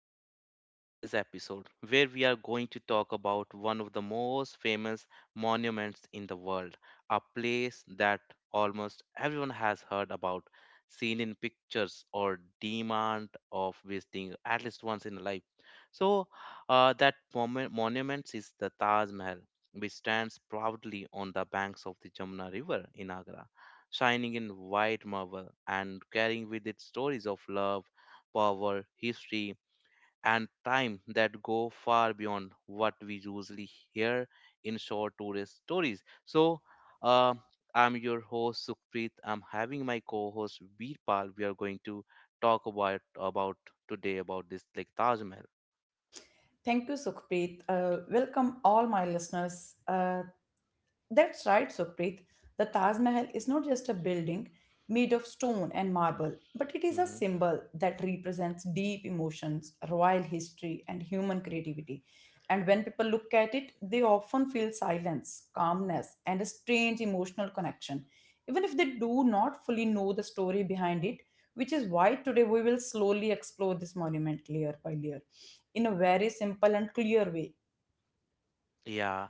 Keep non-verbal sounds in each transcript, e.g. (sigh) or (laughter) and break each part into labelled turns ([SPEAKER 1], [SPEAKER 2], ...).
[SPEAKER 1] Welcome everyone today's episode where we are going to talk about one of the most famous monuments in the world, a place that almost everyone has heard about, seen in pictures or demand of visiting at least once in a life. So that monument is the Taj Mahal, which stands proudly on the banks of the Jamuna River in Agra, shining in white marble and carrying with it stories of love power, history, and time that go far beyond what we usually hear in short tourist stories. Uh, I'm your host Sukhpreet. I'm having my co-host Veerpal. We are going to talk about today about this like Taj Mahal.
[SPEAKER 2] Thank you, Sukhpreet. Welcome all my listeners. That's right, Sukhpreet. The Taj Mahal is not just a building made of stone and marble, but it is a
[SPEAKER 1] Mm-hmm.
[SPEAKER 2] symbol that represents deep emotions, royal history, and human creativity. And when people look at it, they often feel silence, calmness, and a strange emotional connection, even if they do not fully know the story behind it, which is why today we will slowly explore this monument layer by layer in a very simple and clear way.
[SPEAKER 1] Yeah,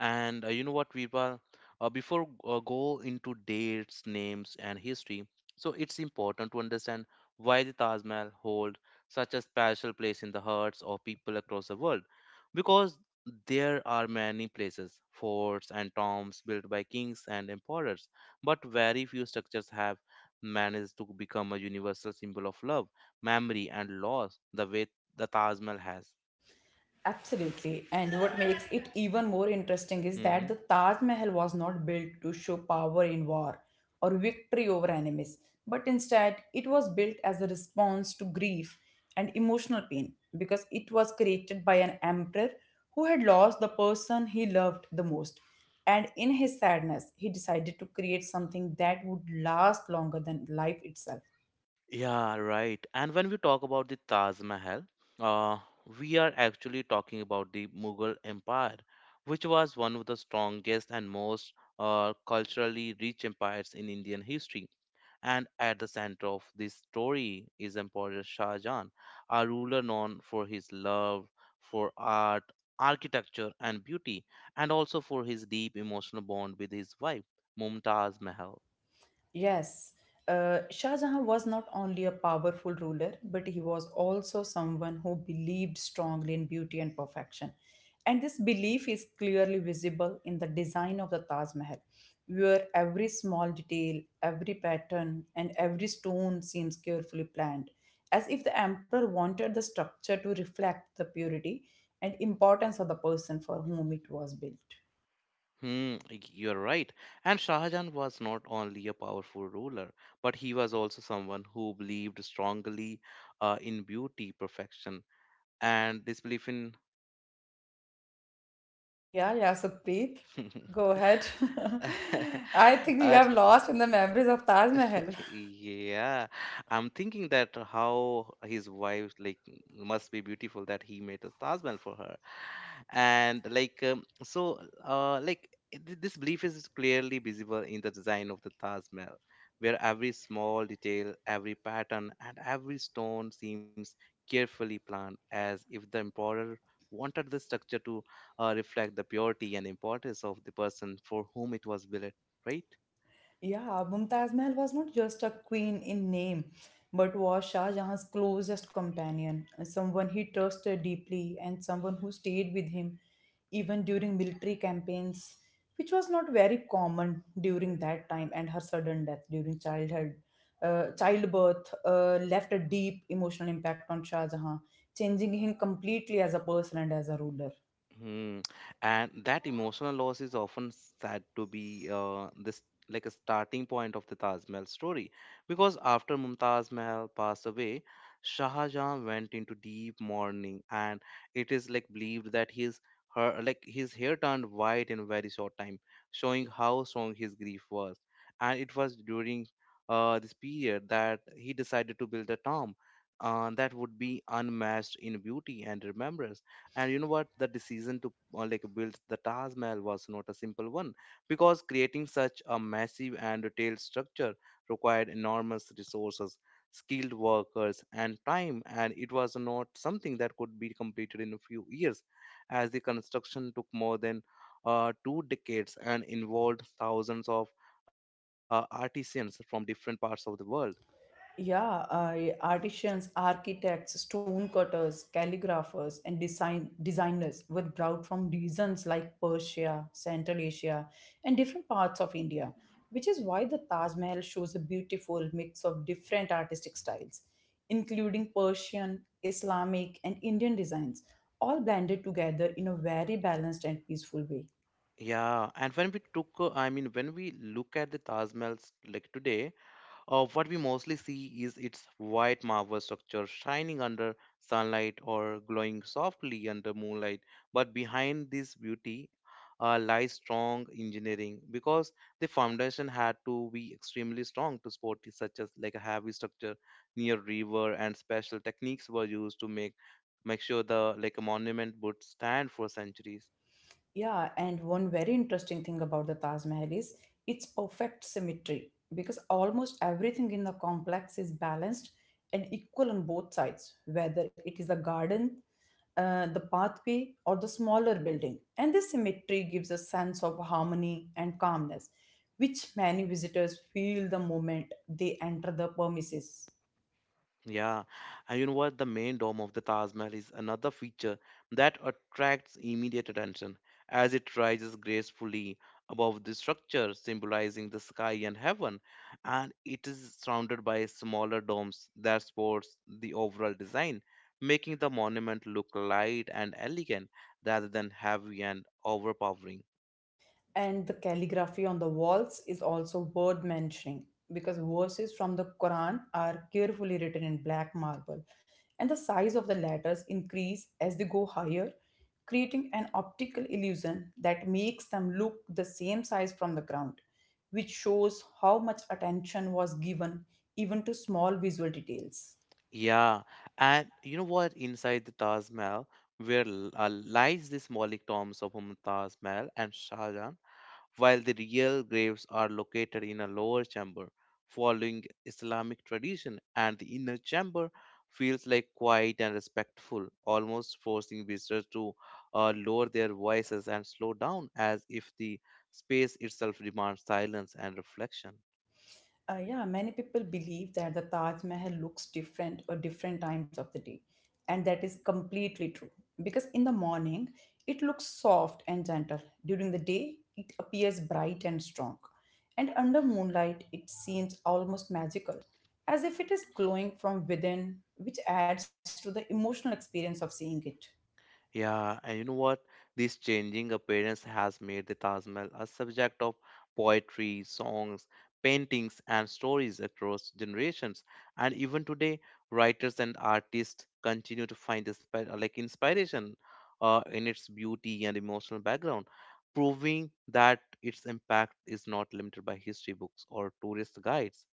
[SPEAKER 1] and you know what, Virpal? Before go into dates, names, and history, so it's important to understand why the Taj Mahal hold such a special place in the hearts of people across the world. Because there are many places, forts and tombs built by kings and emperors, but very few structures have managed to become a universal symbol of love, memory, and loss the way the Taj Mahal has.
[SPEAKER 2] Absolutely. And what makes it even more interesting is that
[SPEAKER 1] Mm-hmm.
[SPEAKER 2] the Taj Mahal was not built to show power in war or victory over enemies, but instead it was built as a response to grief and emotional pain because it was created by an emperor who had lost the person he loved the most. And in his sadness, he decided to create something that would last longer than life itself.
[SPEAKER 1] Yeah, right. And when we talk about the Taj Mahal, uh, we are actually talking about the Mughal Empire, which was one of the strongest and most culturally rich empires in Indian history. And at the center of this story is Emperor Shah Jahan, a ruler known for his love for art, architecture, and beauty, and also for his deep emotional bond with his wife, Mumtaz Mahal.
[SPEAKER 2] Yes, Shah Jahan was not only a powerful ruler, but he was also someone who believed strongly in beauty and perfection. And this belief is clearly visible in the design of the Taj Mahal, where every small detail, every pattern, and every stone seems carefully planned, as if the emperor wanted the structure to reflect the purity and importance of the person for whom it was built.
[SPEAKER 1] Hmm, you're right. And Shah Jahan was not only a powerful ruler, but he was also someone who believed strongly in beauty, perfection, and this belief in
[SPEAKER 2] Yeah, yeah, Supreet, go ahead.
[SPEAKER 1] (laughs)
[SPEAKER 2] (laughs) I think you
[SPEAKER 1] uh,
[SPEAKER 2] have lost in the memories of Taj Mahal.
[SPEAKER 1] (laughs) Yeah, I'm thinking that how his wife like must be beautiful that he made a Taj Mahal for her, and like so uh like this belief is clearly visible in the design of the Taj Mahal, where every small detail, every pattern, and every stone seems carefully planned, as if the emperor wanted the structure to reflect the purity and importance of the person for whom it was built, right?
[SPEAKER 2] Yeah, Mumtaz Mahal was not just a queen in name, but was Shah Jahan's closest companion, someone he trusted deeply, and someone who stayed with him even during military campaigns, which was not very common during that time. And her sudden death during childbirth, left a deep emotional impact on Shah Jahan, changing him completely as a person and as a ruler.
[SPEAKER 1] Hmm. And that emotional loss is often said to be this like a starting point of the Taj Mahal story, because after Mumtaz Mahal passed away, Shah Jahan went into deep mourning, and it is like believed that his her like his hair turned white in a very short time, showing how strong his grief was. And it was during this period that he decided to build a tomb that would be unmatched in beauty and remembrance. And you know what, the decision to like build the Taj Mahal was not a simple one because creating such a massive and detailed structure required enormous resources, skilled workers and time, and it was not something that could be completed in a few years, as the construction took more than two decades and involved thousands of artisans from different parts of the world.
[SPEAKER 2] Yeah, I artisans, architects, stone cutters, calligraphers, and design designers were brought from regions like Persia, Central Asia, and different parts of India, which is why the Taj Mahal shows a beautiful mix of different artistic styles, including Persian, Islamic, and Indian designs, all blended together in a very balanced and peaceful way.
[SPEAKER 1] Yeah, and when we took I mean when we look at the Taj Mahal like today, what we mostly see is its white marble structure shining under sunlight or glowing softly under moonlight. But behind this beauty lies strong engineering because the foundation had to be extremely strong to support it, such as like a heavy structure near river, and special techniques were used to make sure the like a monument would stand for centuries.
[SPEAKER 2] Yeah, and one very interesting thing about the Taj Mahal is its perfect symmetry because almost everything in the complex is balanced and equal on both sides, whether it is a garden, the pathway, or the smaller building. And this symmetry gives a sense of harmony and calmness, which many visitors feel the moment they enter the premises.
[SPEAKER 1] Yeah, and you know what? The main dome of the Taj Mahal is another feature that attracts immediate attention as it rises gracefully above the structure, symbolizing the sky and heaven, and it is surrounded by smaller domes that supports the overall design, making the monument look light and elegant rather than heavy and overpowering.
[SPEAKER 2] And the calligraphy on the walls is also worth mentioning because verses from the Quran are carefully written in black marble, and the size of the letters increase as they go higher, creating an optical illusion that makes them look the same size from the ground, which shows how much attention was given even to small visual details.
[SPEAKER 1] Yeah, and you know what? Inside the Taj Mahal, where lies the symbolic tombs of Mumtaz Mahal and Shah Jahan, while the real graves are located in a lower chamber, following Islamic tradition, and the inner chamber feels like quiet and respectful, almost forcing visitors to lower their voices and slow down, as if the space itself demands silence and reflection.
[SPEAKER 2] Yeah, many people believe that the Taj Mahal looks different at different times of the day, and that is completely true. Because in the morning, it looks soft and gentle. During the day, it appears bright and strong. And under moonlight, it seems almost magical, as if it is glowing from within, which adds to the emotional experience of seeing it.
[SPEAKER 1] Yeah, and you know what? This changing appearance has made the Taj Mahal a subject of poetry, songs, paintings, and stories across generations. And even today, writers and artists continue to find inspiration in its beauty and emotional background, proving that its impact is not limited by history books or tourist guides.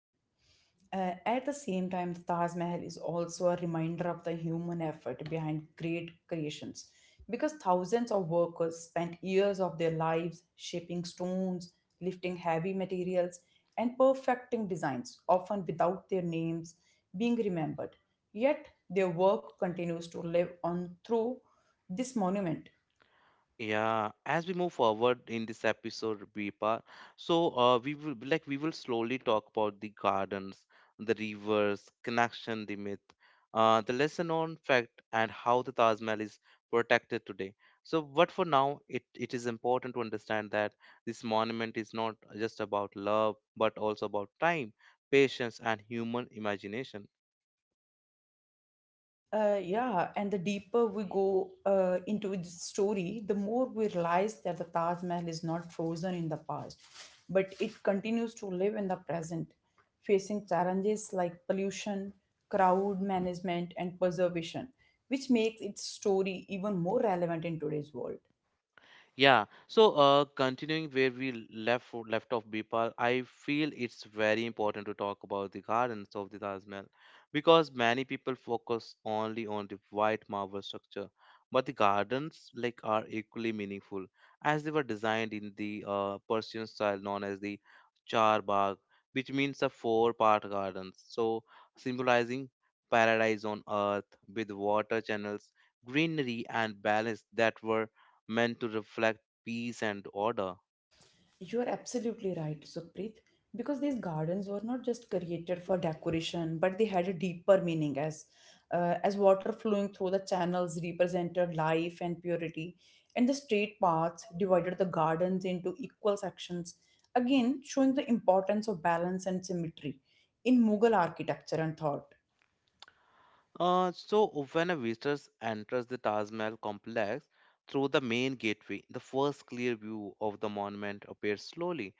[SPEAKER 2] At the same time, the Taj Mahal is also a reminder of the human effort behind great creations because thousands of workers spent years of their lives shaping stones, lifting heavy materials, and perfecting designs, often without their names being remembered. Yet their work continues to live on through this monument.
[SPEAKER 1] Yeah, as we move forward in this episode, Bipa, we will slowly talk about the gardens, the rivers, connection, the myth, the lesson on fact, and how the Taj Mahal is protected today. So, but for now, it is important to understand that this monument is not just about love, but also about time, patience, and human imagination.
[SPEAKER 2] Yeah, and the deeper we go into its story, the more we realize that the Taj Mahal is not frozen in the past, but it continues to live in the present, facing challenges like pollution, crowd management, and preservation, which makes its story even more relevant in today's world.
[SPEAKER 1] Yeah. Continuing where we left off, Bipal, I feel it's very important to talk about the gardens of the Taj Mahal because many people focus only on the white marble structure, but the gardens like are equally meaningful as they were designed in the Persian style known as the char bagh, which means a four-part gardens. So, symbolizing paradise on earth with water channels, greenery, and balance that were meant to reflect peace and order.
[SPEAKER 2] You are absolutely right, Sukhpreet, because these gardens were not just created for decoration, but they had a deeper meaning as water flowing through the channels represented life and purity, and the straight paths divided the gardens into equal sections, again showing the importance of balance and symmetry in Mughal architecture and thought.
[SPEAKER 1] When a visitor enters the Taj Mahal complex through the main gateway, the first clear view of the monument appears slowly,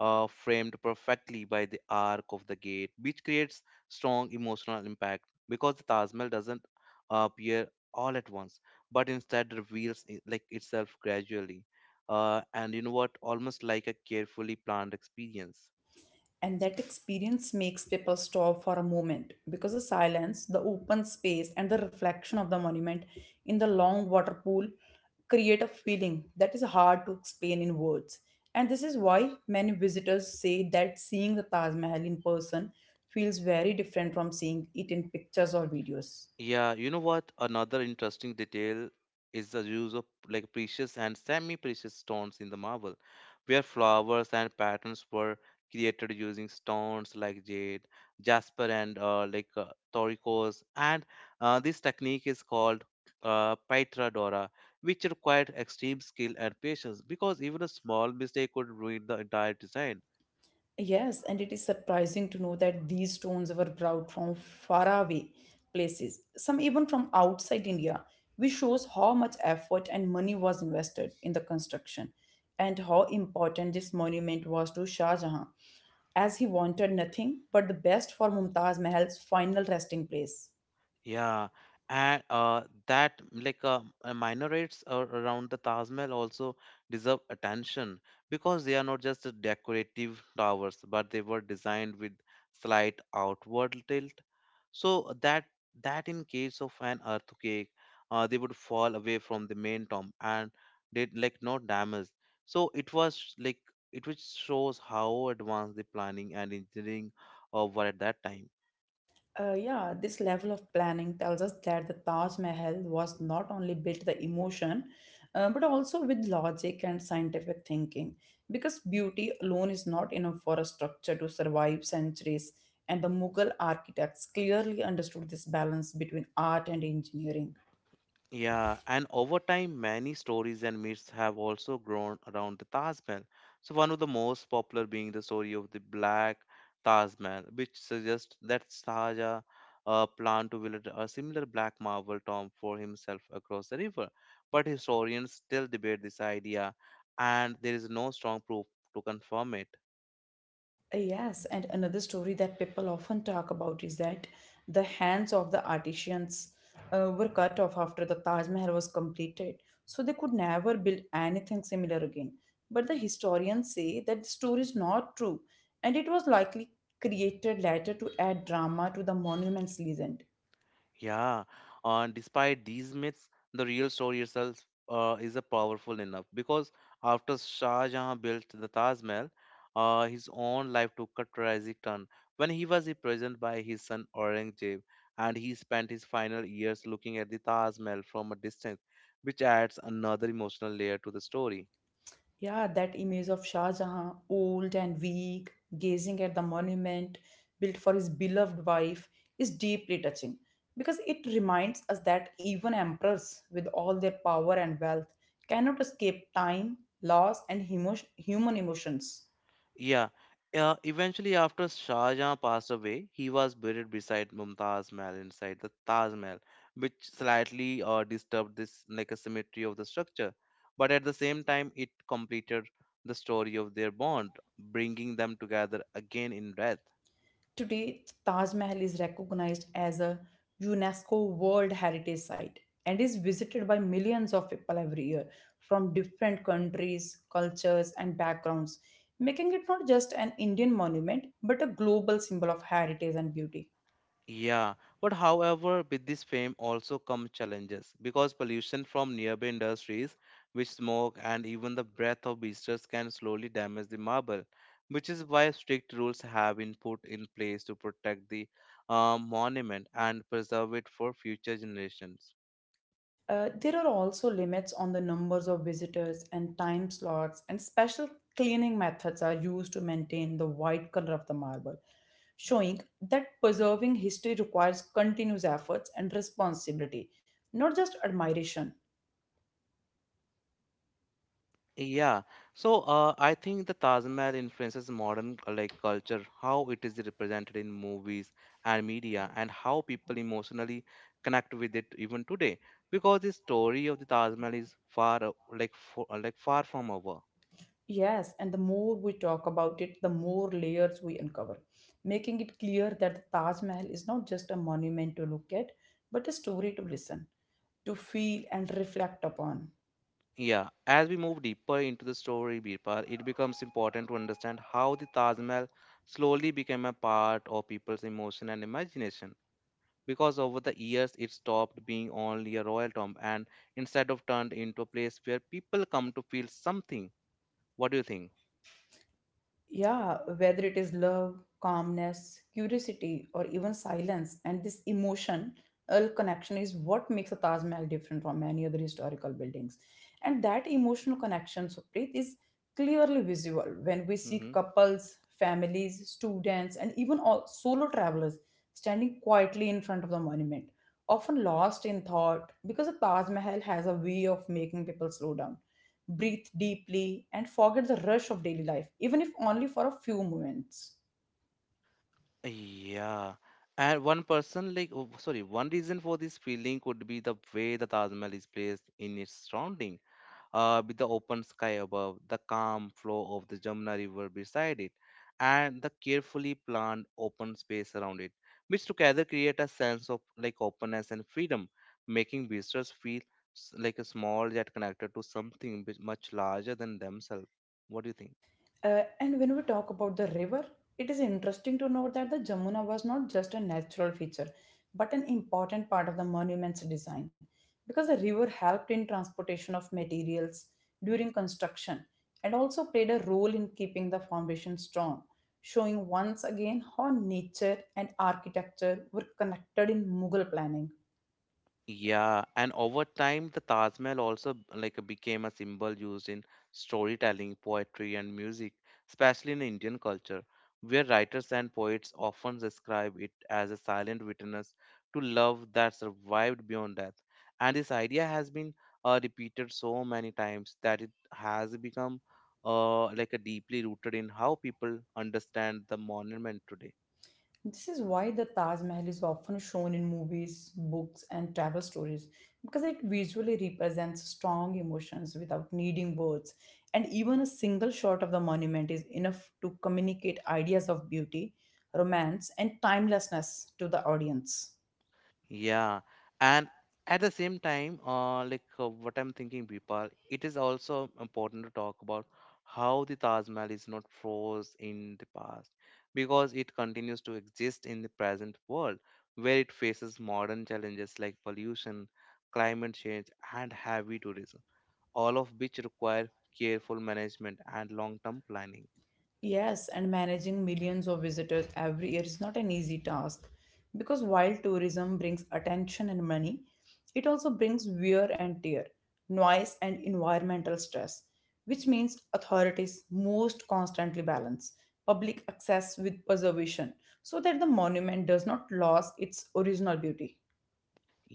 [SPEAKER 1] framed perfectly by the arc of the gate, which creates strong emotional impact because the Taj Mahal doesn't appear all at once, but instead reveals it, like itself gradually. And you know what? Almost like a carefully planned experience.
[SPEAKER 2] And that experience makes people stop for a moment because the silence, the open space, and the reflection of the monument in the long water pool create a feeling that is hard to explain in words. And this is why many visitors say that seeing the Taj Mahal in person feels very different from seeing it in pictures or videos.
[SPEAKER 1] Yeah, you know what? Another interesting detail is the use of like precious and semi-precious stones in the marble, where flowers and patterns were created using stones like jade, jasper, and turquoise. And this technique is called Paitra Dora, which required extreme skill and patience because even a small mistake could ruin the entire design.
[SPEAKER 2] Yes, and it is surprising to know that these stones were brought from faraway places, some even from outside India, which shows how much effort and money was invested in the construction and how important this monument was to Shah Jahan, as he wanted nothing but the best for Mumtaz Mahal's final resting place.
[SPEAKER 1] Yeah, and that like minarets around the Taj Mahal also deserve attention because they are not just a decorative towers, but they were designed with slight outward tilt, so that in case of an earthquake, they would fall away from the main tomb and did like no damage. So it was like it which shows how advanced the planning and engineering were at that time.
[SPEAKER 2] Yeah, this level of planning tells us that the Taj Mahal was not only built the emotion, but also with logic and scientific thinking. Because beauty alone is not enough for a structure to survive centuries, and the Mughal architects clearly understood this balance between art and engineering.
[SPEAKER 1] Yeah, and over time, many stories and myths have also grown around the Taj Mahal. So, one of the most popular being the story of the Black Taj Mahal, which suggests that Sahaja planned to build a similar black marble tomb for himself across the river. But historians still debate this idea, and there is no strong proof to confirm it.
[SPEAKER 2] Yes, and another story that people often talk about is that the hands of the artisans were cut off after the Taj Mahal was completed, so they could never build anything similar again. But the historians say that the story is not true, and it was likely created later to add drama to the monument's legend.
[SPEAKER 1] Yeah, and despite these myths, the real story itself is a powerful enough because after Shah Jahan built the Taj Mahal, his own life took a tragic turn when he was imprisoned by his son Aurangzeb, and he spent his final years looking at the Taj Mahal from a distance, which adds another emotional layer to the story.
[SPEAKER 2] Yeah, that image of Shah Jahan, old and weak, gazing at the monument built for his beloved wife, is deeply touching because it reminds us that even emperors, with all their power and wealth, cannot escape time, loss, and human emotions.
[SPEAKER 1] Yeah. Eventually, after Shah Jahan passed away, he was buried beside Mumtaz Mahal inside the Taj Mahal, which slightly disturbed this like a symmetry of the structure. But at the same time, it completed the story of their bond, bringing them together again in death.
[SPEAKER 2] Today, Taj Mahal is recognized as a UNESCO World Heritage Site and is visited by millions of people every year from different countries, cultures, and backgrounds, making it not just an Indian monument but a global symbol of heritage and beauty.
[SPEAKER 1] Yeah, but however, with this fame also come challenges because pollution from nearby industries, which smoke and even the breath of visitors can slowly damage the marble, which is why strict rules have been put in place to protect the monument and preserve it for future generations.
[SPEAKER 2] There are also limits on the numbers of visitors and time slots, and special cleaning methods are used to maintain the white color of the marble, showing that preserving history requires continuous efforts and responsibility, not just admiration.
[SPEAKER 1] Yeah, I think the Taj Mahal influences modern like culture, how it is represented in movies and media, and how people emotionally connect with it even today. Because the story of the Taj Mahal is far like fo- like far from over.
[SPEAKER 2] Yes, and the more we talk about it, the more layers we uncover, making it clear that the Taj Mahal is not just a monument to look at, but a story to listen, to feel, and reflect upon.
[SPEAKER 1] Yeah, as we move deeper into the story, Birpal, it becomes important to understand how the Taj Mahal slowly became a part of people's emotion and imagination. Because over the years it stopped being only a royal tomb and instead of turned into a place where people come to feel something. What do you think?
[SPEAKER 2] Yeah, whether it is love, calmness, curiosity, or even silence, and this emotional connection is what makes the Taj Mahal different from many other historical buildings. And that emotional connection, Supreet, is clearly visible when we see
[SPEAKER 1] Hmm.
[SPEAKER 2] couples, families, students, and even all solo travelers standing quietly in front of the monument, often lost in thought because the Taj Mahal has a way of making people slow down breathe deeply, and forget the rush of daily life, even if only for a few moments.
[SPEAKER 1] Yeah, and one person like oh, sorry one reason for this feeling could be the way the Taj Mahal is placed in its surrounding, with the open sky above, the calm flow of the Jamuna River beside it, and the carefully planned open space around it, which together create a sense of like openness and freedom, making visitors feel like a small yet connected to something bit much larger than themselves. What do you think?
[SPEAKER 2] And when we talk about the river, it is interesting to note that the Jamuna was not just a natural feature, but an important part of the monument's design, because the river helped in transportation of materials during construction and also played a role in keeping the foundation strong, showing once again how nature and architecture were connected in Mughal planning.
[SPEAKER 1] Yeah, and over time, the Taj Mahal also became a symbol used in storytelling, poetry, and music, especially in Indian culture, where writers and poets often describe it as a silent witness to love that survived beyond death. And this idea has been repeated so many times that it has become like a deeply rooted in how people understand the monument today.
[SPEAKER 2] This is why the Taj Mahal is often shown in movies, books, and travel stories because it visually represents strong emotions without needing words. And even a single shot of the monument is enough to communicate ideas of beauty, romance, and timelessness to the audience.
[SPEAKER 1] Yeah, and at the same time, what I'm thinking, Bipal, it is also important to talk about how the Taj Mahal is not froze in the past because it continues to exist in the present world where it faces modern challenges like pollution, climate change, and heavy tourism, all of which require careful management and long-term planning.
[SPEAKER 2] Yes, and managing millions of visitors every year is not an easy task because while tourism brings attention and money, it also brings wear and tear, noise, and environmental stress, which means authorities most constantly balance public access with preservation so that the monument does not lose its original beauty.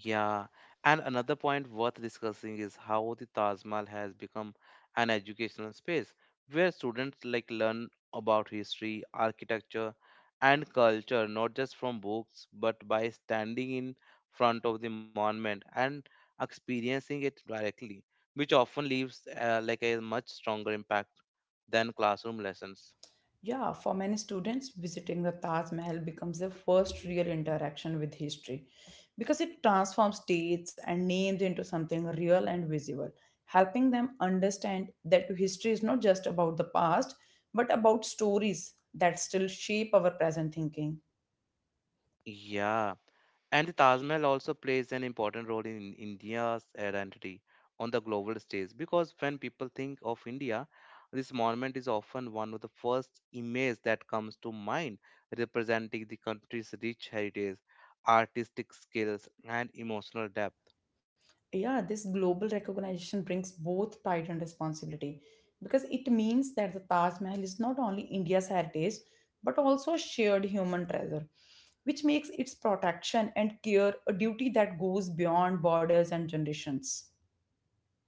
[SPEAKER 1] Yeah, and another point worth discussing is how the Taj Mahal has become an educational space where students like learn about history, architecture, and culture not just from books but by standing in front of the monument and experiencing it directly, which often leaves a much stronger impact than classroom lessons.
[SPEAKER 2] Yeah, for many students, visiting the Taj Mahal becomes their first real interaction with history because it transforms dates and names into something real and visible, helping them understand that history is not just about the past but about stories that still shape our present thinking.
[SPEAKER 1] Yeah. And the Taj Mahal also plays an important role in India's identity on the global stage because when people think of India, this monument is often one of the first images that comes to mind, representing the country's rich heritage, artistic skills, and emotional depth.
[SPEAKER 2] Yeah, this global recognition brings both pride and responsibility because it means that the Taj Mahal is not only India's heritage but also a shared human treasure, which makes its protection and care a duty that goes beyond borders and generations.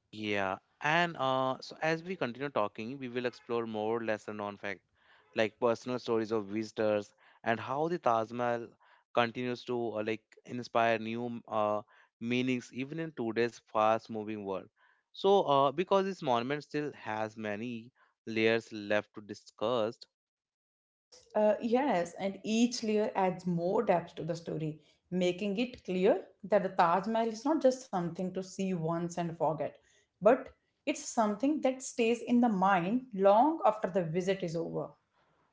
[SPEAKER 1] Yeah, and so as we continue talking, we will explore more lesser known fact, like personal stories of visitors and how the Taj Mahal continues to inspire new meanings even in today's fast-moving world. So, because this monument still has many layers left to discuss.
[SPEAKER 2] Yes, and each layer adds more depth to the story, making it clear that the Taj Mahal is not just something to see once and forget, but it's something that stays in the mind long after the visit is over.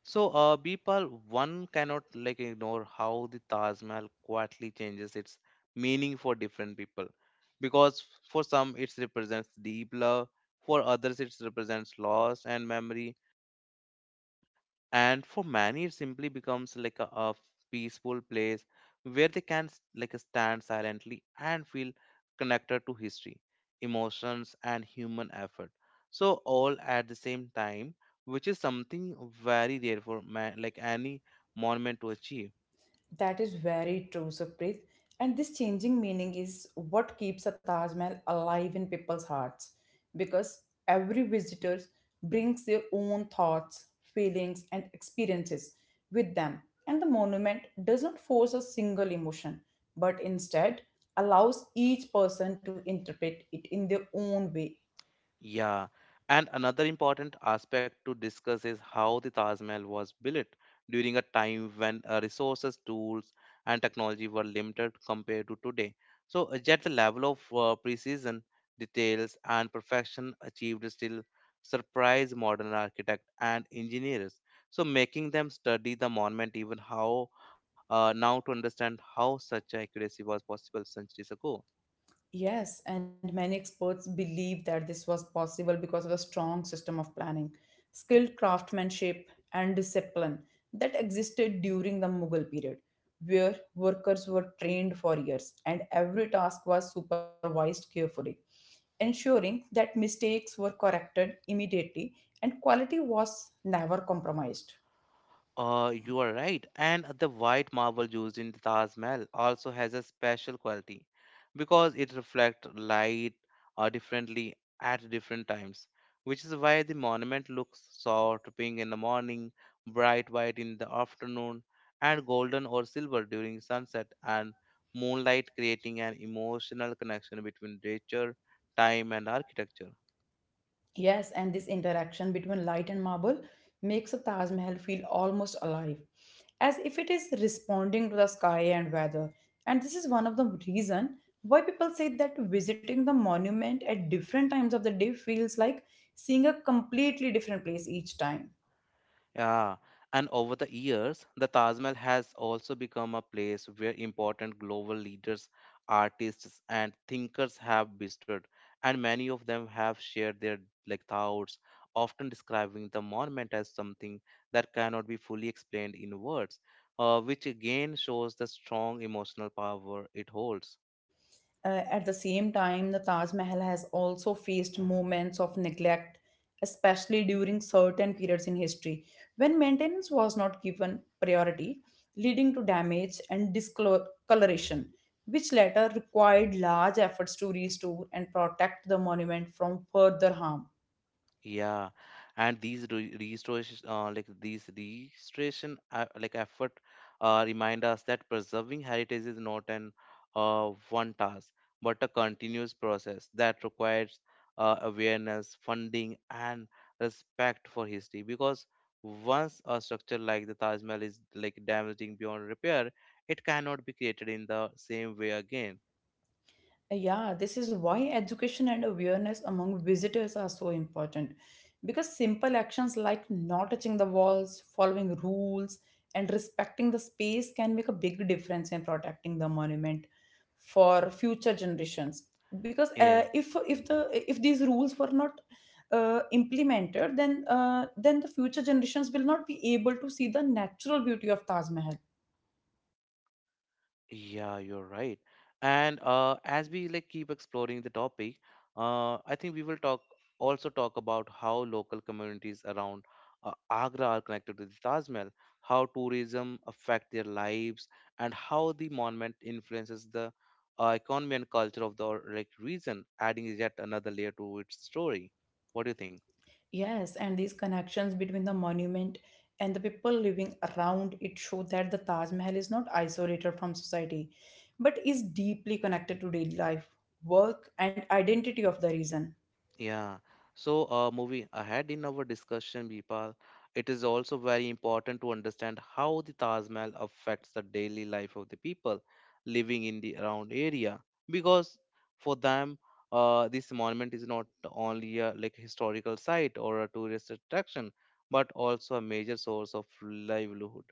[SPEAKER 1] So, Bipal, one cannot like ignore how the Taj Mahal quietly changes its meaning for different people, because for some it represents deep love, for others it represents loss and memory, and for many it simply becomes like a peaceful place where they can stand silently and feel connected to history, emotions, and human effort, so all at the same time, which is something very rare for man, like any monument to achieve.
[SPEAKER 2] That is very true, Supreet. And this changing meaning is what keeps a Taj Mahal alive in people's hearts because every visitor brings their own thoughts, feelings, and experiences with them. And the monument does not force a single emotion, but instead allows each person to interpret it in their own way.
[SPEAKER 1] Yeah, and another important aspect to discuss is how the Taj Mahal was built during a time when resources, tools, and technology were limited compared to today. So, yet the level of precision, details, and perfection achieved still surprise modern architects and engineers. So, making them study the monument even how now to understand how such accuracy was possible centuries ago.
[SPEAKER 2] Yes, and many experts believe that this was possible because of a strong system of planning, skilled craftsmanship, and discipline that existed during the Mughal period, where workers were trained for years and every task was supervised carefully, ensuring that mistakes were corrected immediately and quality was never compromised.
[SPEAKER 1] You are right. And the white marble used in the Taj Mahal also has a special quality because it reflects light differently at different times, which is why the monument looks soft pink in the morning, bright white in the afternoon, and golden or silver during sunset and moonlight, creating an emotional connection between nature, time, and architecture.
[SPEAKER 2] Yes, and this interaction between light and marble makes a Taj Mahal feel almost alive, as if it is responding to the sky and weather. And this is one of the reason why people say that visiting the monument at different times of the day feels like seeing a completely different place each time.
[SPEAKER 1] Yeah, and over the years, the Taj Mahal has also become a place where important global leaders, artists, and thinkers have visited, and many of them have shared their like thoughts, often describing the monument as something that cannot be fully explained in words, which again shows the strong emotional power it holds.
[SPEAKER 2] At the same time, the Taj Mahal has also faced moments of neglect, especially during certain periods in history when maintenance was not given priority, leading to damage and discoloration, which later required large efforts to restore and protect the monument from further harm.
[SPEAKER 1] Yeah, and these restoration, effort, remind us that preserving heritage is not an one task, but a continuous process that requires awareness, funding, and respect for history. Because once a structure like the Taj Mahal is like damaging beyond repair, it cannot be created in the same way again.
[SPEAKER 2] Yeah, this is why education and awareness among visitors are so important. Because simple actions like not touching the walls, following rules, and respecting the space can make a big difference in protecting the monument for future generations. Because
[SPEAKER 1] Yeah.
[SPEAKER 2] if the if these rules were not implemented, then the future generations will not be able to see the natural beauty of Taj Mahal.
[SPEAKER 1] Yeah, you're right. And as we like keep exploring the topic, I think we will talk about how local communities around Agra are connected to the Taj Mahal, how tourism affect their lives, and how the monument influences the economy and culture of the like region, adding yet another layer to its story. What do you think?
[SPEAKER 2] Yes, and these connections between the monument and the people living around it show that the Taj Mahal is not isolated from society, but is deeply connected to daily life, work, and identity of the region.
[SPEAKER 1] Yeah. So, moving ahead in our discussion, Vipal, it is also very important to understand how the Taj Mahal affects the daily life of the people living in the around area, because for them, this monument is not only a like historical site or a tourist attraction, but also a major source of livelihood,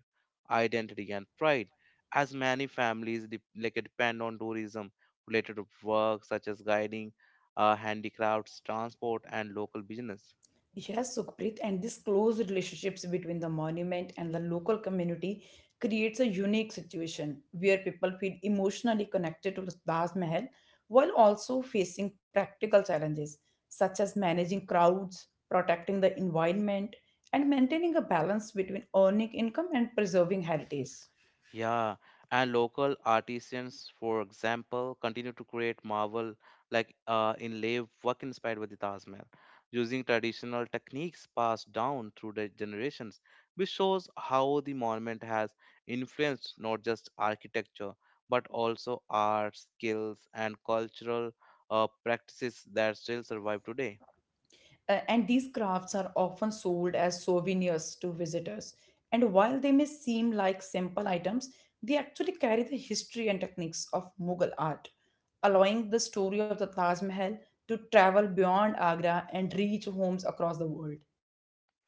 [SPEAKER 1] identity, and pride, as many families depend on tourism related to work such as guiding, handicrafts, transport, and local business.
[SPEAKER 2] Yes, Sukhpreet, and this close relationships between the monument and the local community creates a unique situation where people feel emotionally connected to the Taj Mahal while also facing practical challenges such as managing crowds, protecting the environment, and maintaining a balance between earning income and preserving heritage.
[SPEAKER 1] Yeah, and local artisans, for example, continue to create marvel inlay work inspired by the Taj Mahal, using traditional techniques passed down through the generations, which shows how the monument has influenced not just architecture but also art, skills, and cultural practices that still survive today.
[SPEAKER 2] And these crafts are often sold as souvenirs to visitors. And while they may seem like simple items, they actually carry the history and techniques of Mughal art, allowing the story of the Taj Mahal to travel beyond Agra and reach homes across the world.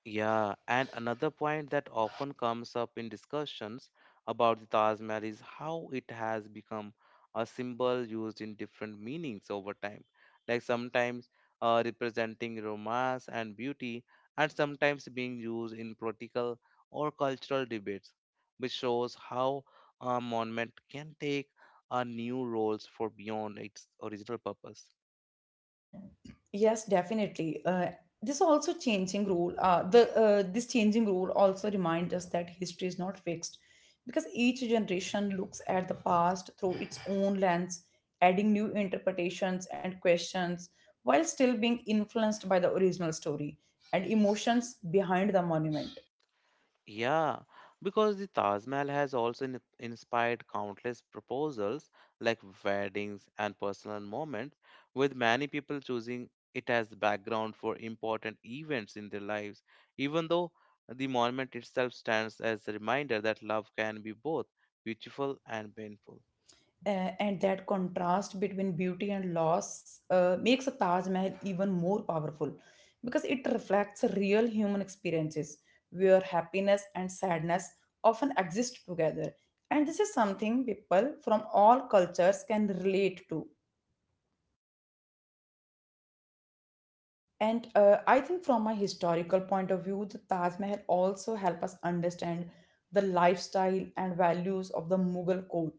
[SPEAKER 1] Yeah, and another point that often comes up in discussions about the Taj Mahal is how it has become a symbol used in different meanings over time, like sometimes representing romance and beauty, and sometimes being used in political or cultural debates, which shows how a monument can take a new roles for beyond its original purpose.
[SPEAKER 2] Yes, definitely. This also changing rule. The This changing rule also reminds us that history is not fixed, because each generation looks at the past through its own lens, adding new interpretations and questions, while still being influenced by the original story and emotions behind the monument.
[SPEAKER 1] Yeah, because the Taj Mahal has also inspired countless proposals like weddings and personal moments, with many people choosing it as the background for important events in their lives, even though the monument itself stands as a reminder that love can be both beautiful and painful.
[SPEAKER 2] And that contrast between beauty and loss makes a Taj Mahal even more powerful because it reflects real human experiences where happiness and sadness often exist together. And this is something people from all cultures can relate to. And I think from a historical point of view, the Taj Mahal also help us understand the lifestyle and values of the Mughal court,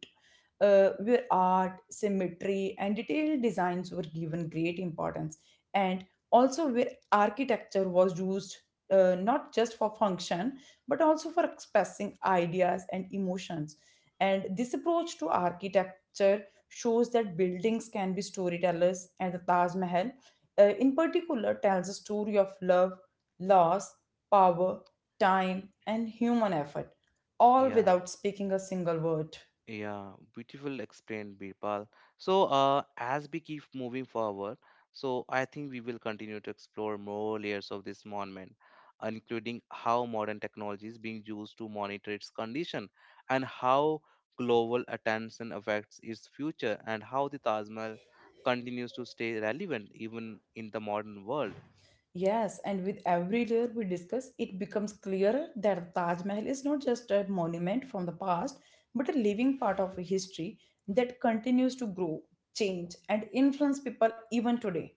[SPEAKER 2] where art, symmetry, and detailed designs were given great importance, and also where architecture was used not just for function but also for expressing ideas and emotions. And this approach to architecture shows that buildings can be storytellers, and the Taj Mahal in particular tells a story of love, loss, power, time, and human effort, all
[SPEAKER 1] Yeah.
[SPEAKER 2] without speaking a single word.
[SPEAKER 1] Yeah, beautiful explained, Birpal. So, as we keep moving forward, so I think we will continue to explore more layers of this monument, including how modern technology is being used to monitor its condition and how global attention affects its future and how the Taj Mahal continues to stay relevant even in the modern world.
[SPEAKER 2] Yes, and with every layer we discuss, it becomes clearer that Taj Mahal is not just a monument from the past, but a living part of a history that continues to grow, change, and influence people even today.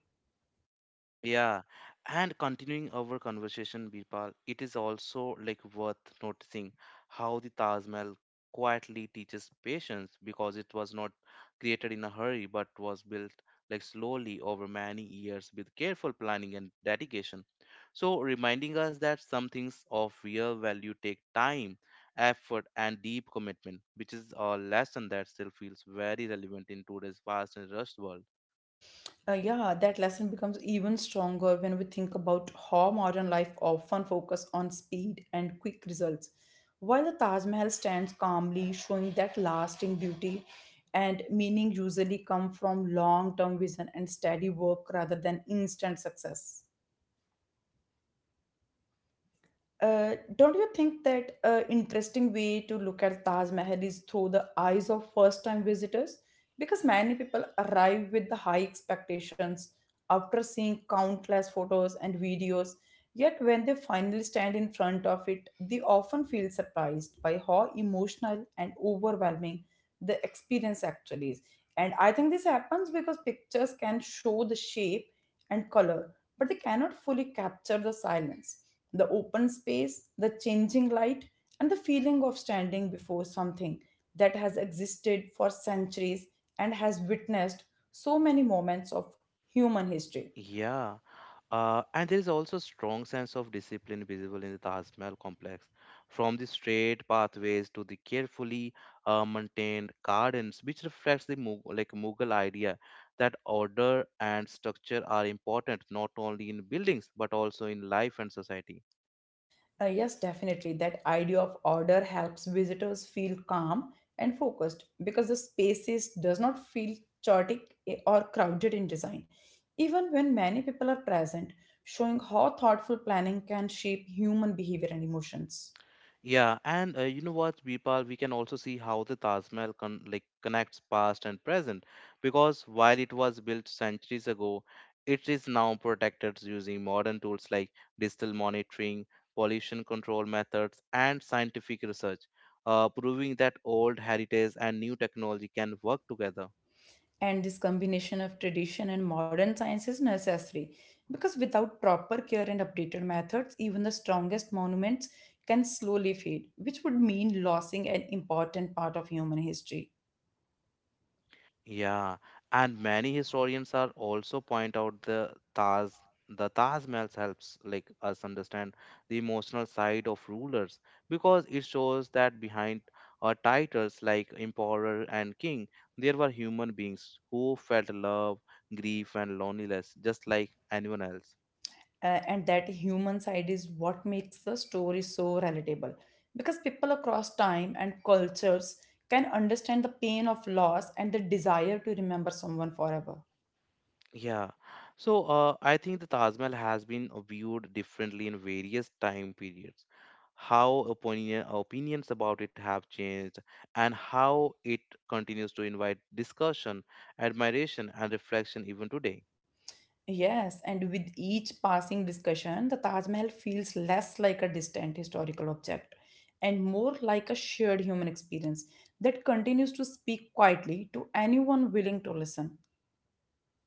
[SPEAKER 1] Yeah, and continuing our conversation, Birpal, it is also like worth noticing how the Taj Mahal quietly teaches patience because it was not created in a hurry but was built like slowly over many years with careful planning and dedication. So, reminding us that some things of real value take time, effort, and deep commitment, which is a lesson that still feels very relevant in today's fast and rushed world.
[SPEAKER 2] Yeah, that lesson becomes even stronger when we think about how modern life often focuses on speed and quick results. While the Taj Mahal stands calmly, showing that lasting beauty and meaning usually come from long term vision and steady work rather than instant success. Don't you think that interesting way to look at Taj Mahal is through the eyes of first-time visitors? Because many people arrive with the high expectations after seeing countless photos and videos, yet when they finally stand in front of it, they often feel surprised by how emotional and overwhelming the experience actually is. And I think this happens because pictures can show the shape and color but they cannot fully capture the silence, the open space, the changing light, and the feeling of standing before something that has existed for centuries and has witnessed so many moments of human history.
[SPEAKER 1] Yeah. And there is also strong sense of discipline visible in the Taj Mahal complex, from the straight pathways to the carefully maintained gardens, which reflects the Mughal idea that order and structure are important not only in buildings but also in life and society.
[SPEAKER 2] Yes, definitely. That idea of order helps visitors feel calm and focused because the spaces does not feel chaotic or crowded in design. Even when many people are present, showing how thoughtful planning can shape human behavior and emotions.
[SPEAKER 1] Yeah, and you know what, Vipal, we can also see how the Taj Mahal connects past and present because while it was built centuries ago, it is now protected using modern tools like digital monitoring, pollution control methods, and scientific research, proving that old heritage and new technology can work together.
[SPEAKER 2] And this combination of tradition and modern science is necessary because without proper care and updated methods, even the strongest monuments can slowly fade, which would mean losing an important part of human history.
[SPEAKER 1] Yeah, and many historians are also point out the Taj Mahal helps like us understand the emotional side of rulers because it shows that behind titles like emperor and king there were human beings who felt love, grief, and loneliness just like anyone else.
[SPEAKER 2] And that human side is what makes the story so relatable because people across time and cultures can understand the pain of loss and the desire to remember someone forever.
[SPEAKER 1] Yeah. So, I think the Taj Mahal has been viewed differently in various time periods. How opinions about it have changed and how it continues to invite discussion, admiration, and reflection even today.
[SPEAKER 2] Yes, and with each passing discussion the Taj Mahal feels less like a distant historical object and more like a shared human experience that continues to speak quietly to anyone willing to listen.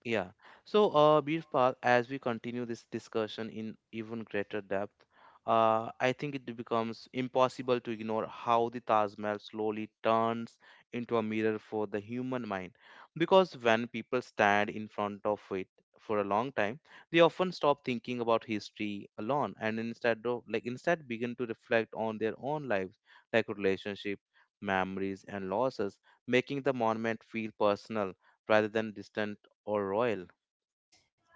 [SPEAKER 1] Yeah. So, Birpal, as we continue this discussion in even greater depth, I think it becomes impossible to ignore how the Taj Mahal slowly turns into a mirror for the human mind. Because when people stand in front of it for a long time, they often stop thinking about history alone and instead of like instead begin to reflect on their own lives, like relationship, memories, and losses, making the monument feel personal rather than distant or royal.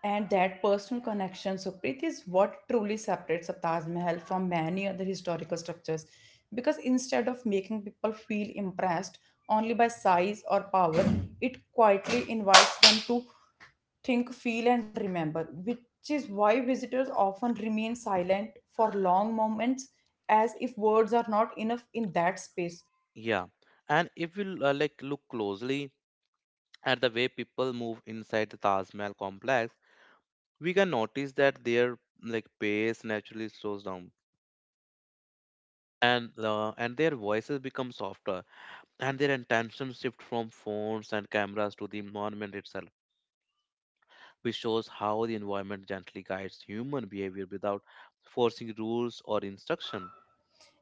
[SPEAKER 2] And that personal connection, Supreet, is what truly separates a Taj Mahal from many other historical structures. Because instead of making people feel impressed only by size or power, it quietly invites them to think, feel, and remember, which is why visitors often remain silent for long moments as if words are not enough in that space.
[SPEAKER 1] Yeah, and if we look closely at the way people move inside the Taj Mahal complex, we can notice that their like pace naturally slows down, and and their voices become softer, and their attention shift from phones and cameras to the monument itself, which shows how the environment gently guides human behavior without forcing rules or instruction.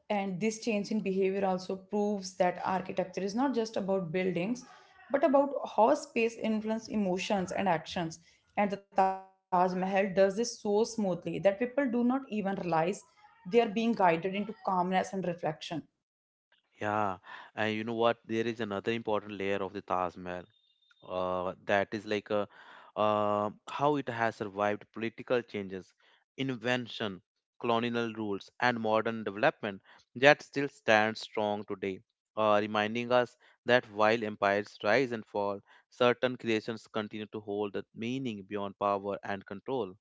[SPEAKER 2] And this change in behavior also proves that architecture is not just about buildings, but about how space influences emotions and actions. And the Taj Mahal does this so smoothly that people do not even realize they are being guided into calmness and reflection.
[SPEAKER 1] Yeah, and you know what, there is another important layer of the Taj Mahal, that is like a, how it has survived political changes, invention, colonial rules, and modern development. That still stands strong today, reminding us that while empires rise and fall, certain creations continue to hold a meaning beyond power and control.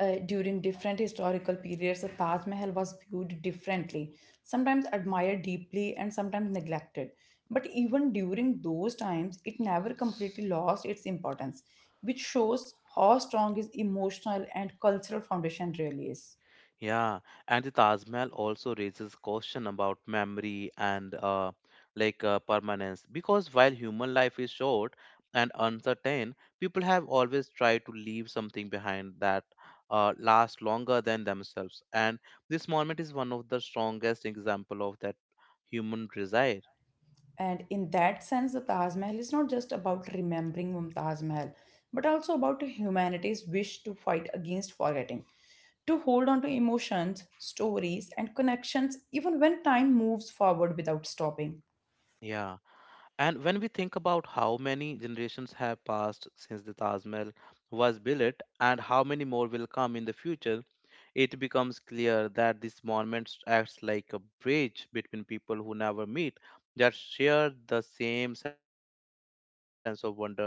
[SPEAKER 2] During different historical periods, the Taj Mahal was viewed differently, sometimes admired deeply and sometimes neglected. But even during those times, it never completely lost its importance, which shows how strong its emotional and cultural foundation really is.
[SPEAKER 1] Yeah, and the Taj Mahal also raises question about memory and permanence because while human life is short and uncertain, people have always tried to leave something behind that lasts longer than themselves. And this monument is one of the strongest example of that human desire.
[SPEAKER 2] And in that sense, the Taj Mahal is not just about remembering Mumtaz Mahal, but also about humanity's wish to fight against forgetting, to hold on to emotions, stories, and connections even when time moves forward without stopping.
[SPEAKER 1] Yeah. And when we think about how many generations have passed since the Taj Mahal was built and how many more will come in the future, it becomes clear that this monument acts like a bridge between people who never meet, that share the same sense of wonder when they see it.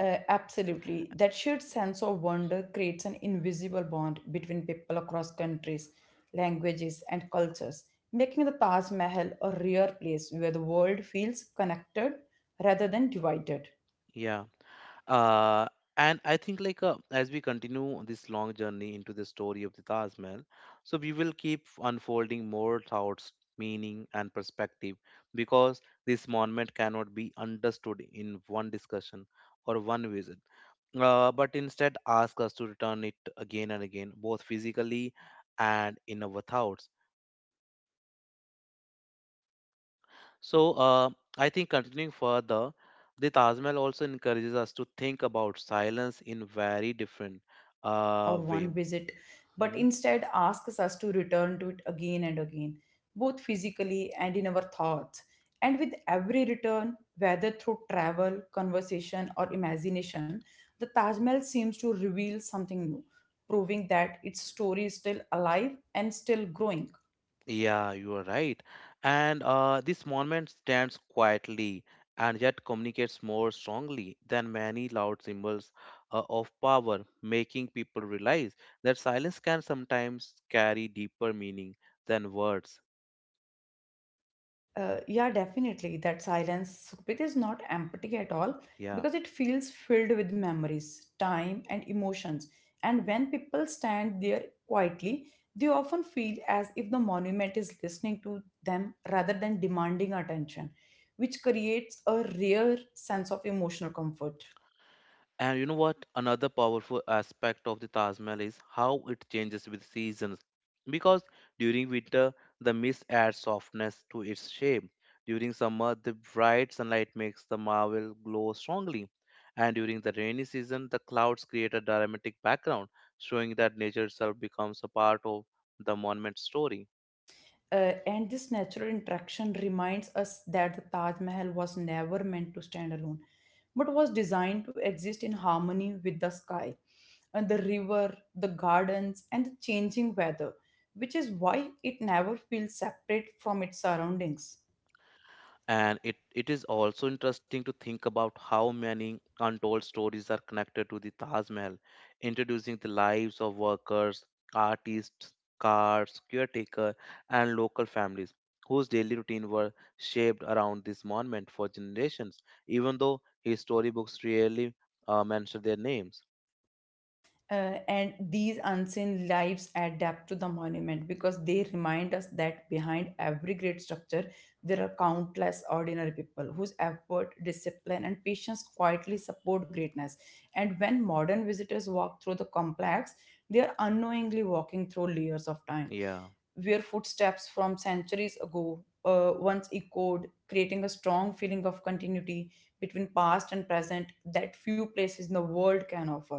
[SPEAKER 2] Absolutely. That shared sense of wonder creates an invisible bond between people across countries, languages, and cultures, making the Taj Mahal a rare place where the world feels connected rather than divided.
[SPEAKER 1] Yeah. uh, and I think like as we continue this long journey into the story of the Taj Mahal, so we will keep unfolding more thoughts, meaning and perspective, because this monument cannot be understood in one
[SPEAKER 2] Yes,
[SPEAKER 1] discussion
[SPEAKER 2] definitely,
[SPEAKER 1] or
[SPEAKER 2] because
[SPEAKER 1] one
[SPEAKER 2] this
[SPEAKER 1] visit,
[SPEAKER 2] monument cannot be
[SPEAKER 1] but instead
[SPEAKER 2] understood
[SPEAKER 1] ask
[SPEAKER 2] in
[SPEAKER 1] us to
[SPEAKER 2] one.
[SPEAKER 1] return it again and again, both physically and in our thoughts. So uh, I think continuing
[SPEAKER 2] Yes,
[SPEAKER 1] further,
[SPEAKER 2] I
[SPEAKER 1] the
[SPEAKER 2] think
[SPEAKER 1] Taj Mahal also
[SPEAKER 2] that
[SPEAKER 1] encourages us to
[SPEAKER 2] this
[SPEAKER 1] think about
[SPEAKER 2] monument cannot
[SPEAKER 1] silence
[SPEAKER 2] be
[SPEAKER 1] in
[SPEAKER 2] understood
[SPEAKER 1] very
[SPEAKER 2] in
[SPEAKER 1] different
[SPEAKER 2] one discussion or
[SPEAKER 1] way.
[SPEAKER 2] one visit, but
[SPEAKER 1] hmm
[SPEAKER 2] instead asks us to return to it again and again, both physically and in our thoughts. And with every return, whether through travel, conversation, or imagination, the Taj Mahal seems to reveal something new, proving that its story is still alive and still growing.
[SPEAKER 1] Yeah, you are right. And this monument stands quietly and yet communicates more strongly than many loud symbols of power, making people realize that silence can sometimes carry deeper meaning than words.
[SPEAKER 2] Yeah, definitely. That silence, Sukhpreet, is not empty at all
[SPEAKER 1] Yeah.
[SPEAKER 2] because it feels filled with memories, time, and emotions. And when people stand there quietly, they often feel as if the monument is listening to them rather than demanding attention, which creates a rare sense of emotional comfort.
[SPEAKER 1] And you know what? Another powerful aspect of the Taj Mahal is how it changes with seasons. Because during winter, the mist adds softness to its shape. During summer, the bright sunlight makes the marble glow strongly. And during the rainy season, the clouds create a dramatic background, showing that nature itself becomes a part of the monument's story.
[SPEAKER 2] And this natural interaction reminds us that the Taj Mahal was never meant to stand alone, but was designed to exist in harmony with the sky, and the river, the gardens, and the changing weather, which is why it never feels separate from its surroundings.
[SPEAKER 1] And it is also interesting to think about how many untold stories are connected to the Taj Mahal, introducing the lives of workers, artists, guards, caretaker, and local families whose daily routine were shaped around this monument for generations, even though his storybooks rarely mention their names.
[SPEAKER 2] And these unseen lives adapt to the monument because they remind us that behind every great structure there are countless ordinary people whose effort discipline and patience quietly support greatness, and when modern visitors walk through the complex they are unknowingly walking through layers of time
[SPEAKER 1] Yeah.
[SPEAKER 2] where footsteps from centuries ago once echoed, creating a strong feeling of continuity between past and present that few places in the world can offer.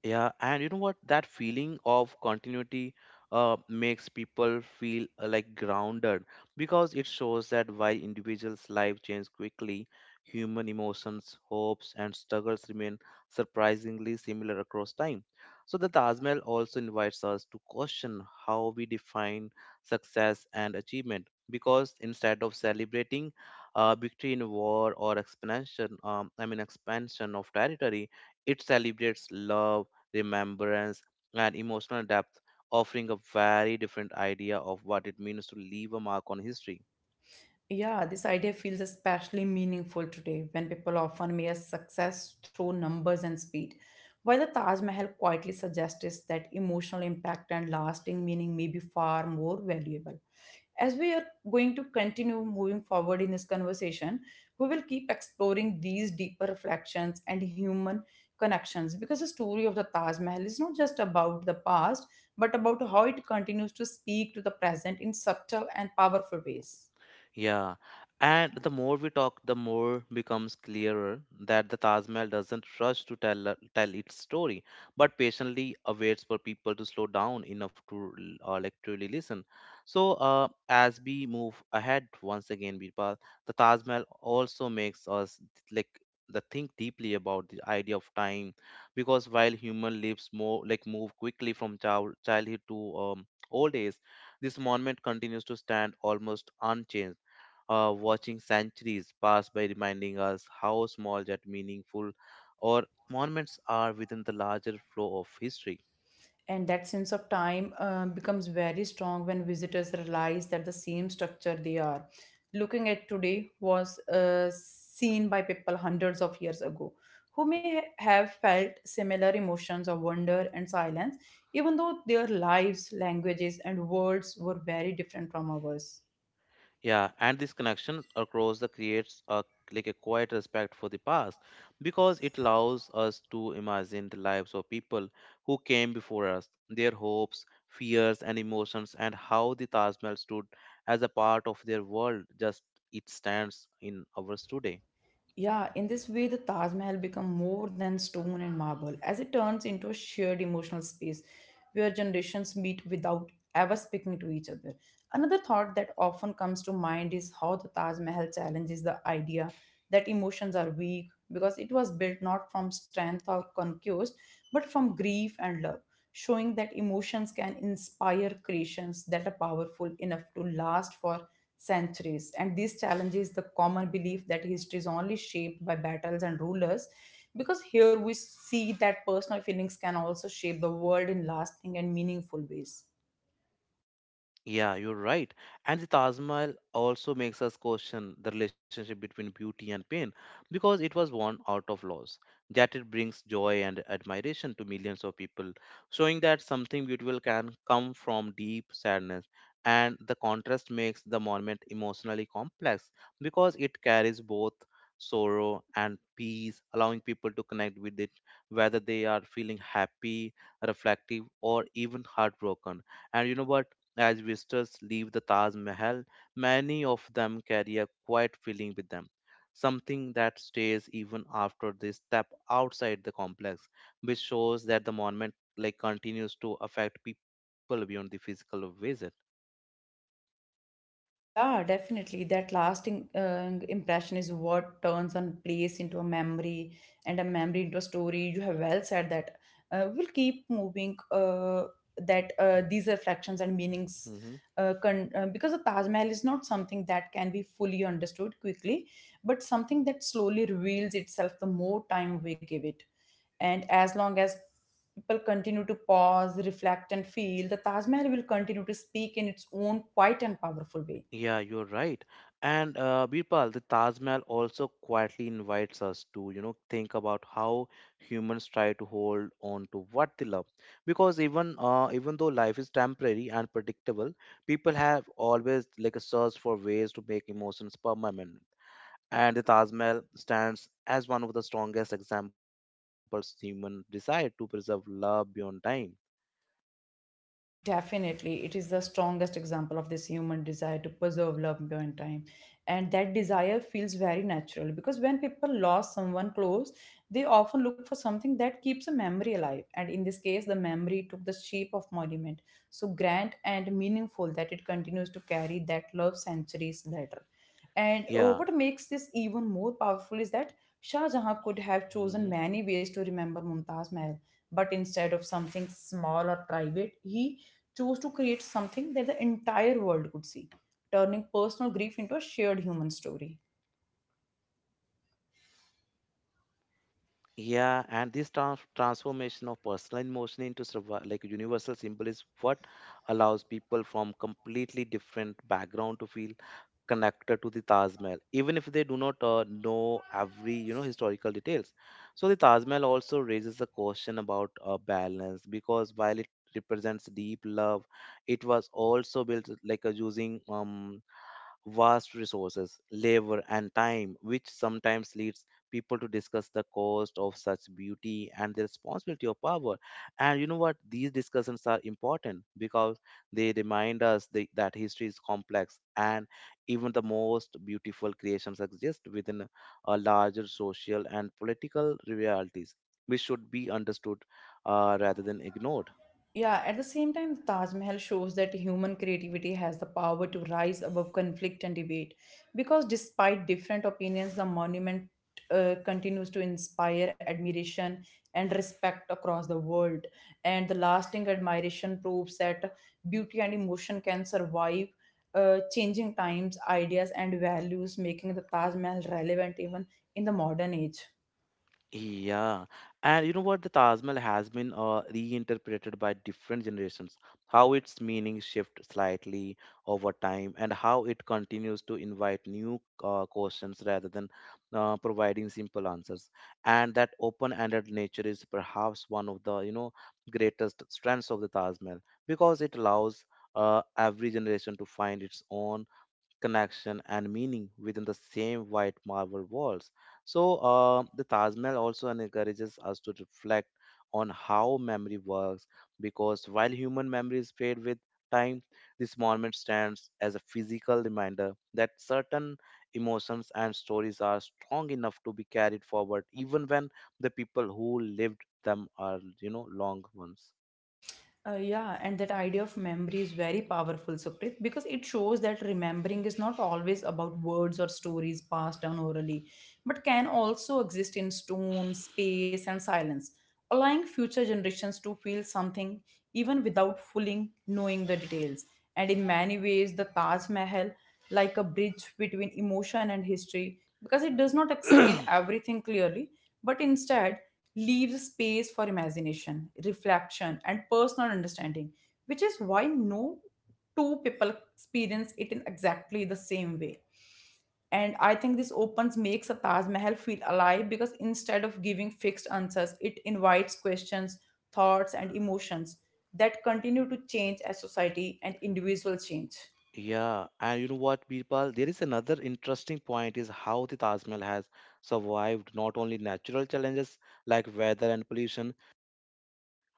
[SPEAKER 1] Yeah, and you know what? That feeling of continuity makes people feel like grounded, because it shows that while individuals' life change quickly, human emotions, hopes, and struggles remain surprisingly similar across time. So the Taj Mahal also invites us to question how we define success and achievement, because instead of celebrating victory in war or expansion, I mean expansion of territory, it celebrates love, remembrance, and emotional depth, offering a very different idea of what it means to leave a mark on history.
[SPEAKER 2] Yeah, this idea feels especially meaningful today when people often measure success through numbers and speed. While the Taj Mahal quietly suggests that emotional impact and lasting meaning may be far more valuable. As we are going to continue moving forward in this conversation, we will keep exploring these deeper reflections and human connections because the story of the Taj Mahal is not just about the past, but about how it continues to speak to the present in subtle and powerful ways.
[SPEAKER 1] Yeah, and the more we talk, the more becomes clearer that the Taj Mahal doesn't rush to tell its story, but patiently awaits for people to slow down enough to like truly listen. So, as we move ahead once again, Birpal, the Taj Mahal also makes us like the think deeply about the idea of time, because while human lives more like move quickly from childhood to old age, this monument continues to stand almost unchanged, watching centuries pass by, reminding us how small yet meaningful our monuments are within the larger flow of history.
[SPEAKER 2] And that sense of time becomes very strong when visitors realize that the same structure they are looking at today was seen by people hundreds of years ago who have felt similar emotions of wonder and silence even though their lives languages and worlds were very different from ours.
[SPEAKER 1] Yeah, and this connection across the creates a like a quiet respect for the past, because it allows us to imagine the lives of people who came before us, their hopes, fears, and emotions, and how the Taj Mahal stood as a part of their world just it stands in ours today.
[SPEAKER 2] Yeah, in this way, the Taj Mahal becomes more than stone and marble as it turns into a shared emotional space where generations meet without ever speaking to each other. Another thought that often comes to mind is how the Taj Mahal challenges the idea that emotions are weak because it was built not from strength or conquest but from grief and love, showing that emotions can inspire creations that are powerful enough to last for centuries. And this challenges the common belief that history is only shaped by battles and rulers, because here we see that personal feelings can also shape the world in lasting and meaningful ways.
[SPEAKER 1] Yeah, you're right. And the Taj Mahal also makes us question the relationship between beauty and pain, because it was worn out of loss. Yet it brings joy and admiration to millions of people, showing that something beautiful can come from deep sadness. And the contrast makes the monument emotionally complex, because it carries both sorrow and peace, allowing people to connect with it, whether they are feeling happy, reflective, or even heartbroken. And you know what? As visitors leave the Taj Mahal, many of them carry a quiet feeling with them, something that stays even after they step outside the complex, which shows that the monument like continues to affect people beyond the physical visit.
[SPEAKER 2] Yeah, definitely. That lasting impression is what turns a place into a memory and a memory into a story. You have well said that. We'll keep moving that these reflections and meanings because the Taj Mahal is not something that can be fully understood quickly, but something that slowly reveals itself the more time we give it. And as long as people continue to pause, reflect, and feel, the Taj Mahal will continue to speak in its own quiet and powerful way.
[SPEAKER 1] Yeah, you're right. And Birpal, the Taj Mahal also quietly invites us to, you know, think about how humans try to hold on to what they love. Because even though life is temporary and predictable, people have always like a search for ways to make emotions permanent. And the Taj Mahal stands as one of the strongest examples human desire to preserve love beyond time.
[SPEAKER 2] Definitely, it is the strongest example of this human desire to preserve love beyond time. And that desire feels very natural because when people lost someone close, they often look for something that keeps a memory alive. And in this case, the memory took the shape of monument, so grand and meaningful that it continues to carry that love centuries later. And
[SPEAKER 1] Yeah.
[SPEAKER 2] what makes this even more powerful is that Shah Jahan could have chosen
[SPEAKER 1] Mhm.
[SPEAKER 2] many ways to remember Mumtaz Mahal, but instead of something small or private, he chose to create something that the entire world could see, turning personal grief into a shared human story.
[SPEAKER 1] Yeah, and this transformation of personal emotion into like universal symbol is what allows people from completely different background to feel connected to the Taj Mahal, even if they do not know every, you know, historical details. So the Taj Mahal also raises a question about balance, because while it represents deep love, it was also built like using vast resources, labor, and time, which sometimes leads people to discuss the cost of such beauty and the responsibility of power. And you know what? These discussions are important because they remind us that history is complex and even the most beautiful creations exist within a larger social and political realities, which should be understood rather than ignored.
[SPEAKER 2] Yeah, at the same time, the Taj Mahal shows that human creativity has the power to rise above conflict and debate. Because despite different opinions, the monument continues to inspire admiration and respect across the world. And the lasting admiration proves that beauty and emotion can survive changing times, ideas, and values, making the Taj Mahal relevant even in the modern age.
[SPEAKER 1] Yeah, and you know what? The Taj Mahal has been reinterpreted by different generations, how its meaning shifts slightly over time, and how it continues to invite new questions rather than providing simple answers. And that open-ended nature is perhaps one of the, you know, greatest strengths of the Taj Mahal, because it allows every generation to find its own connection and meaning within the same white marble walls. So the Taj Mahal also encourages us to reflect on how memory works, because while human memory is fade with time, this monument stands as a physical reminder that certain emotions and stories are strong enough to be carried forward even when the people who lived them are, you know, long ones.
[SPEAKER 2] Yeah, and that idea of memory is very powerful, Sukrit, because it shows that remembering is not always about words or stories passed down orally, but can also exist in stone, space, and silence, allowing future generations to feel something even without fully knowing the details. And in many ways, the Taj Mahal, like a bridge between emotion and history, because it does not explain everything clearly, but instead leaves space for imagination, reflection, and personal understanding, which is why no two people experience it in exactly the same way. And I think this opens makes a Taj Mahal feel alive because instead of giving fixed answers, it invites questions, thoughts, and emotions that continue to change as society and individuals change.
[SPEAKER 1] Yeah, and you know what, Birpal? There is another interesting point is how the Taj Mahal has survived not only natural challenges like weather and pollution,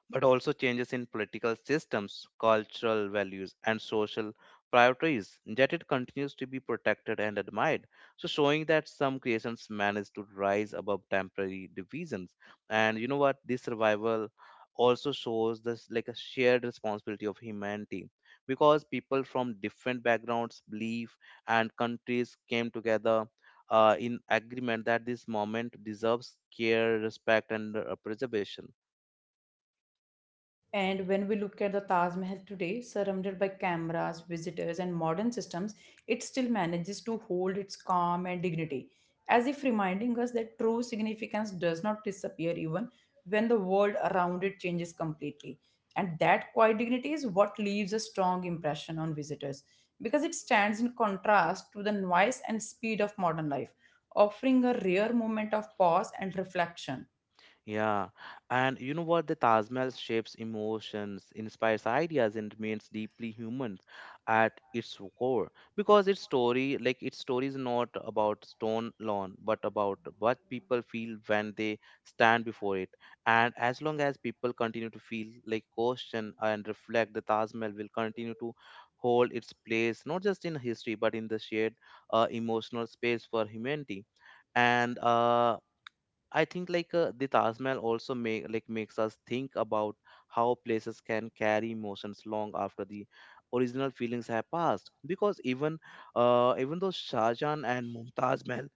[SPEAKER 1] but also changes in political systems, cultural values, and social priorities, yet it continues to be protected and admired. So, showing that some creations manage to rise above temporary divisions. And you know what? This survival also shows this like a shared responsibility of humanity, because people from different backgrounds, belief, and countries came together. In agreement that this moment deserves care, respect, and preservation.
[SPEAKER 2] And when we look at the Taj Mahal today, surrounded by cameras, visitors, and modern systems, it still manages to hold its calm and dignity, as if reminding us that true significance does not disappear even when the world around it changes completely. And that quiet dignity is what leaves a strong impression on visitors, because it stands in contrast to the noise and speed of modern life, offering a rare moment of pause and reflection.
[SPEAKER 1] Yeah, and you know what? The Taj Mahal shapes emotions, inspires ideas, and remains deeply human at its core, because its story, like its story is not about stone alone, but about what people feel when they stand before it. And as long as people continue to feel, like question and reflect, the Taj Mahal will continue to hold its place not just in history but in the shared emotional space for humanity. And I think the Taj Mahal also makes us think about how places can carry emotions long after the original feelings have passed. Because even though Shah Jahan and Mumtaz Mahal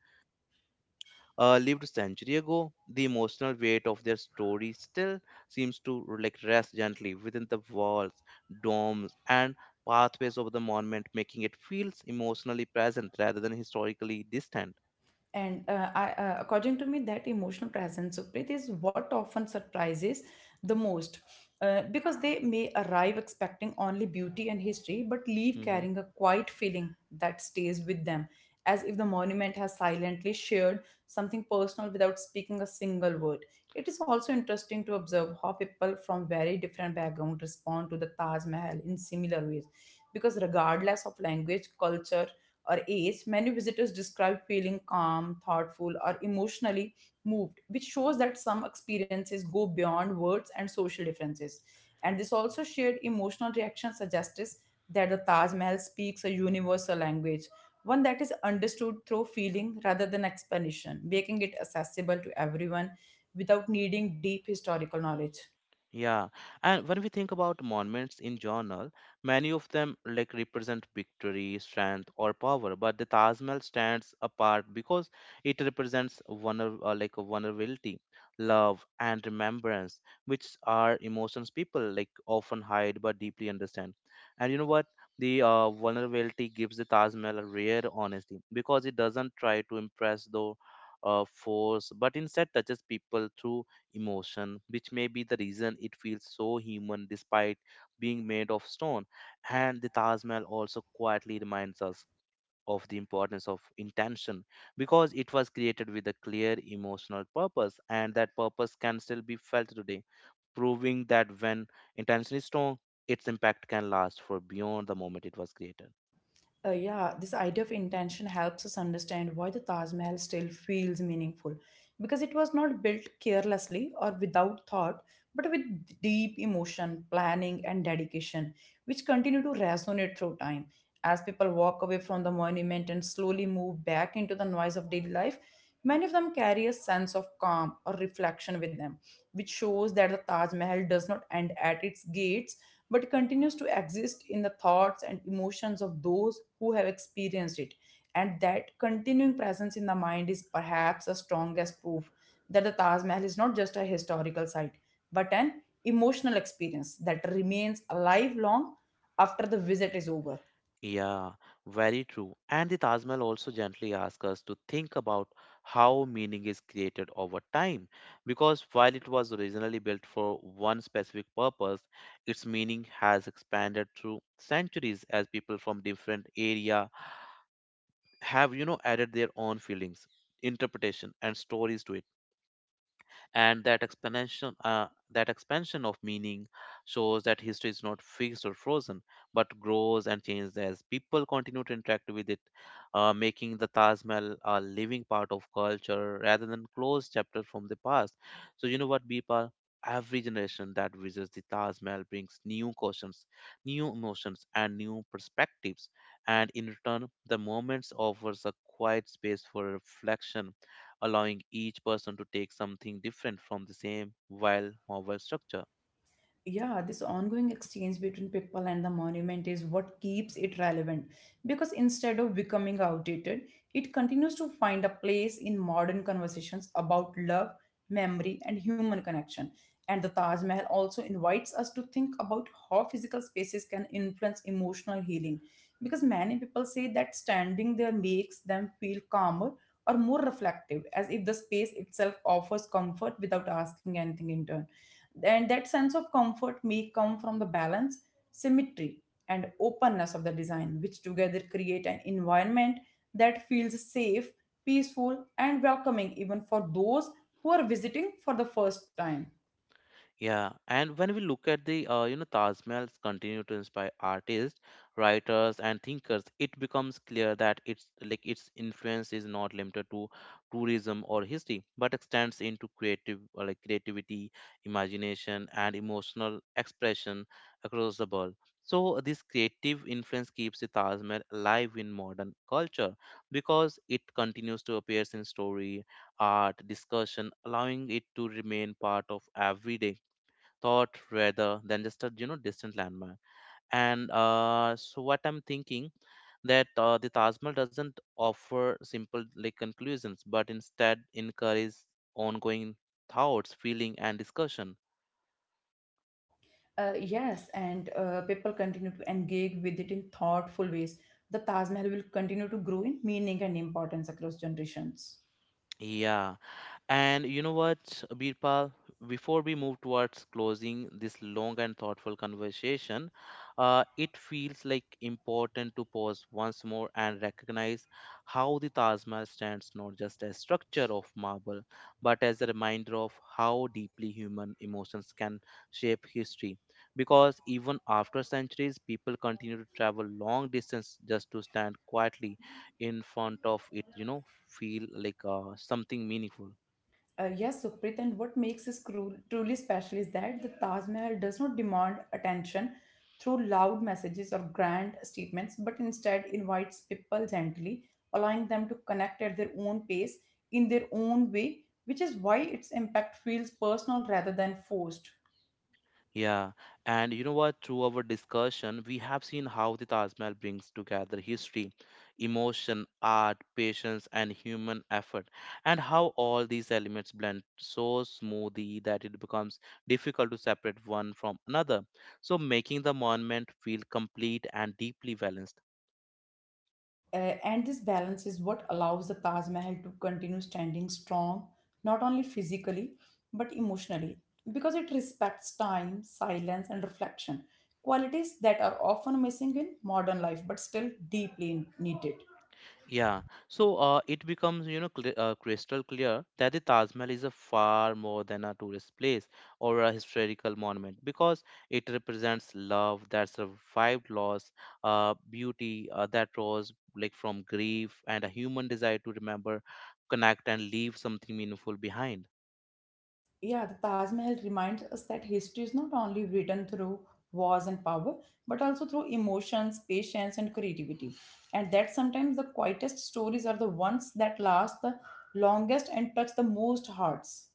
[SPEAKER 1] lived a century ago, the emotional weight of their story still seems to like rest gently within the walls, domes, and pathways of the monument, making it feels emotionally present rather than historically distant.
[SPEAKER 2] And according to me, that emotional presence, Supreet, is what often surprises the most. Because they may arrive expecting only beauty and history, but leave carrying a quiet feeling that stays with them, as if the monument has silently shared something personal without speaking a single word. It is also interesting to observe how people from very different backgrounds respond to the Taj Mahal in similar ways, because regardless of language, culture, or ACE, many visitors describe feeling calm, thoughtful, or emotionally moved, which shows that some experiences go beyond words and social differences. And this also shared emotional reaction suggests that the Taj Mahal speaks a universal language, one that is understood through feeling rather than explanation, making it accessible to everyone without needing deep historical knowledge.
[SPEAKER 1] Yeah, and when we think about monuments in journal, many of them like represent victory, strength, or power. But the Taj Mahal stands apart because it represents like vulnerability, love, and remembrance, which are emotions people like often hide but deeply understand. And you know what? The vulnerability gives the Taj Mahal a rare honesty, because it doesn't try to impress though. Force, but instead touches people through emotion, which may be the reason it feels so human despite being made of stone. And the Taj Mahal also quietly reminds us of the importance of intention, because it was created with a clear emotional purpose, and that purpose can still be felt today, proving that when intention is strong, its impact can last for beyond the moment it was created.
[SPEAKER 2] Yeah, this idea of intention helps us understand why the Taj Mahal still feels meaningful because it was not built carelessly or without thought, but with deep emotion, planning, and dedication, which continue to resonate through time. As people walk away from the monument and slowly move back into the noise of daily life, many of them carry a sense of calm or reflection with them, which shows that the Taj Mahal does not end at its gates but continues to exist in the thoughts and emotions of those who have experienced it. And that continuing presence in the mind is perhaps the strongest proof that the Taj Mahal is not just a historical site, but an emotional experience that remains alive long after the visit is over.
[SPEAKER 1] Yeah, very true. And the Taj Mahal also gently asks us to think about how meaning is created over time. Because while it was originally built for one specific purpose, its meaning has expanded through centuries as people from different area have, you know, added their own feelings, interpretation, and stories to it. And that expansion of meaning shows that history is not fixed or frozen but grows and changes as people continue to interact with it, making the Taj Mahal a living part of culture rather than closed chapter from the past. So you know what, people, every generation that visits the Taj Mahal brings new questions, new emotions and new perspectives, and in return the moments offers a quiet space for reflection, allowing each person to take something different from the same while novel structure.
[SPEAKER 2] Yeah, this ongoing exchange between people and the monument is what keeps it relevant, because instead of becoming outdated, it continues to find a place in modern conversations about love, memory, and human connection. And the Taj Mahal also invites us to think about how physical spaces can influence emotional healing, because many people say that standing there makes them feel calmer or more reflective, as if the space itself offers comfort without asking anything in turn. And that sense of comfort may come from the balance, symmetry, and openness of the design, which together create an environment that feels safe, peaceful, and welcoming even for those who are visiting for the first time.
[SPEAKER 1] Yeah, and when we look at the, you know, Taj Mahal's continue to inspire artists, writers, and thinkers, it becomes clear that it's like its influence is not limited to tourism or history, but extends into creative, like creativity, imagination, and emotional expression across the world. So this creative influence keeps the Taj Mahal alive in modern culture, because it continues to appear in story, art, discussion, allowing it to remain part of everyday thought rather than just a, you know, distant landmark. And so what I'm thinking that the Taj Mahal doesn't offer simple like conclusions but instead encourages ongoing thoughts, feeling and discussion.
[SPEAKER 2] Yes, and people continue to engage with it in thoughtful ways. The Taj Mahal will continue to grow in meaning and importance across generations.
[SPEAKER 1] Yeah. And you know what, Birpal? Before we move towards closing this long and thoughtful conversation, it feels like important to pause once more and recognize how the Taj Mahal stands not just as structure of marble, but as a reminder of how deeply human emotions can shape history. Because even after centuries, people continue to travel long distance just to stand quietly in front of it. You know, feel like something meaningful.
[SPEAKER 2] Yes, Sukhpreet, and what makes this truly special is that the Taj Mahal does not demand attention through loud messages or grand statements, but instead invites people gently, allowing them to connect at their own pace in their own way, which is why its impact feels personal rather than forced.
[SPEAKER 1] Yeah, and you know what? Through our discussion, we have seen how the Taj Mahal brings together history, emotion, art, patience, and human effort, and how all these elements blend so smoothly that it becomes difficult to separate one from another. So, making the monument feel complete and deeply balanced.
[SPEAKER 2] Uh, and this balance is what allows the Taj Mahal to continue standing strong, not only physically, but emotionally, because it respects time, silence, and reflection, qualities that are often missing in modern life but still deeply needed.
[SPEAKER 1] Yeah, so it becomes, you know, crystal clear that the Taj Mahal is a far more than a tourist place or a historical monument, because it represents love that survived loss, beauty that rose like from grief, and a human desire to remember, connect, and leave something meaningful behind.
[SPEAKER 2] Yeah, the Taj Mahal reminds us that history is not only written through wars and power, but also through emotions, patience, and creativity. And that sometimes the quietest stories are the ones that last the longest and touch the most hearts.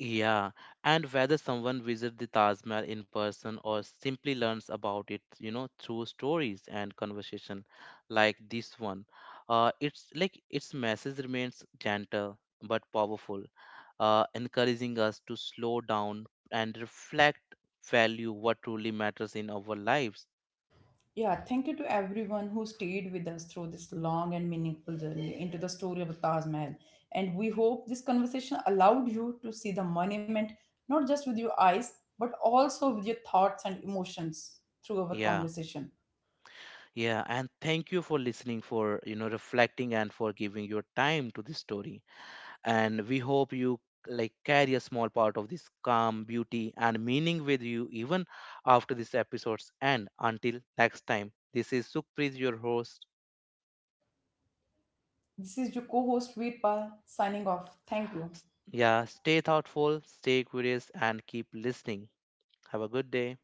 [SPEAKER 1] Yeah, and whether someone visits the Taj Mahal in person or simply learns about it, you know, through stories and conversation like this one, it's like its message remains gentle but powerful, encouraging us to slow down and reflect, value what truly matters in our lives.
[SPEAKER 2] Yeah, thank you to everyone who stayed with us through this long and meaningful journey into the story of the Taj Mahal. And we hope this conversation allowed you to see the monument not just with your eyes, but also with your thoughts and emotions through our
[SPEAKER 1] Yeah,
[SPEAKER 2] conversation.
[SPEAKER 1] yeah, and thank you for listening, for, you know, reflecting, and for giving your time to this story. And we hope you like carry a small part of this calm beauty and meaning with you even after this episode's end. Until next time, this is Sukhpreet, your host.
[SPEAKER 2] This is your co host, Veerpal, signing off. Thank you.
[SPEAKER 1] Yeah, stay thoughtful, stay curious and keep listening. Have a good day.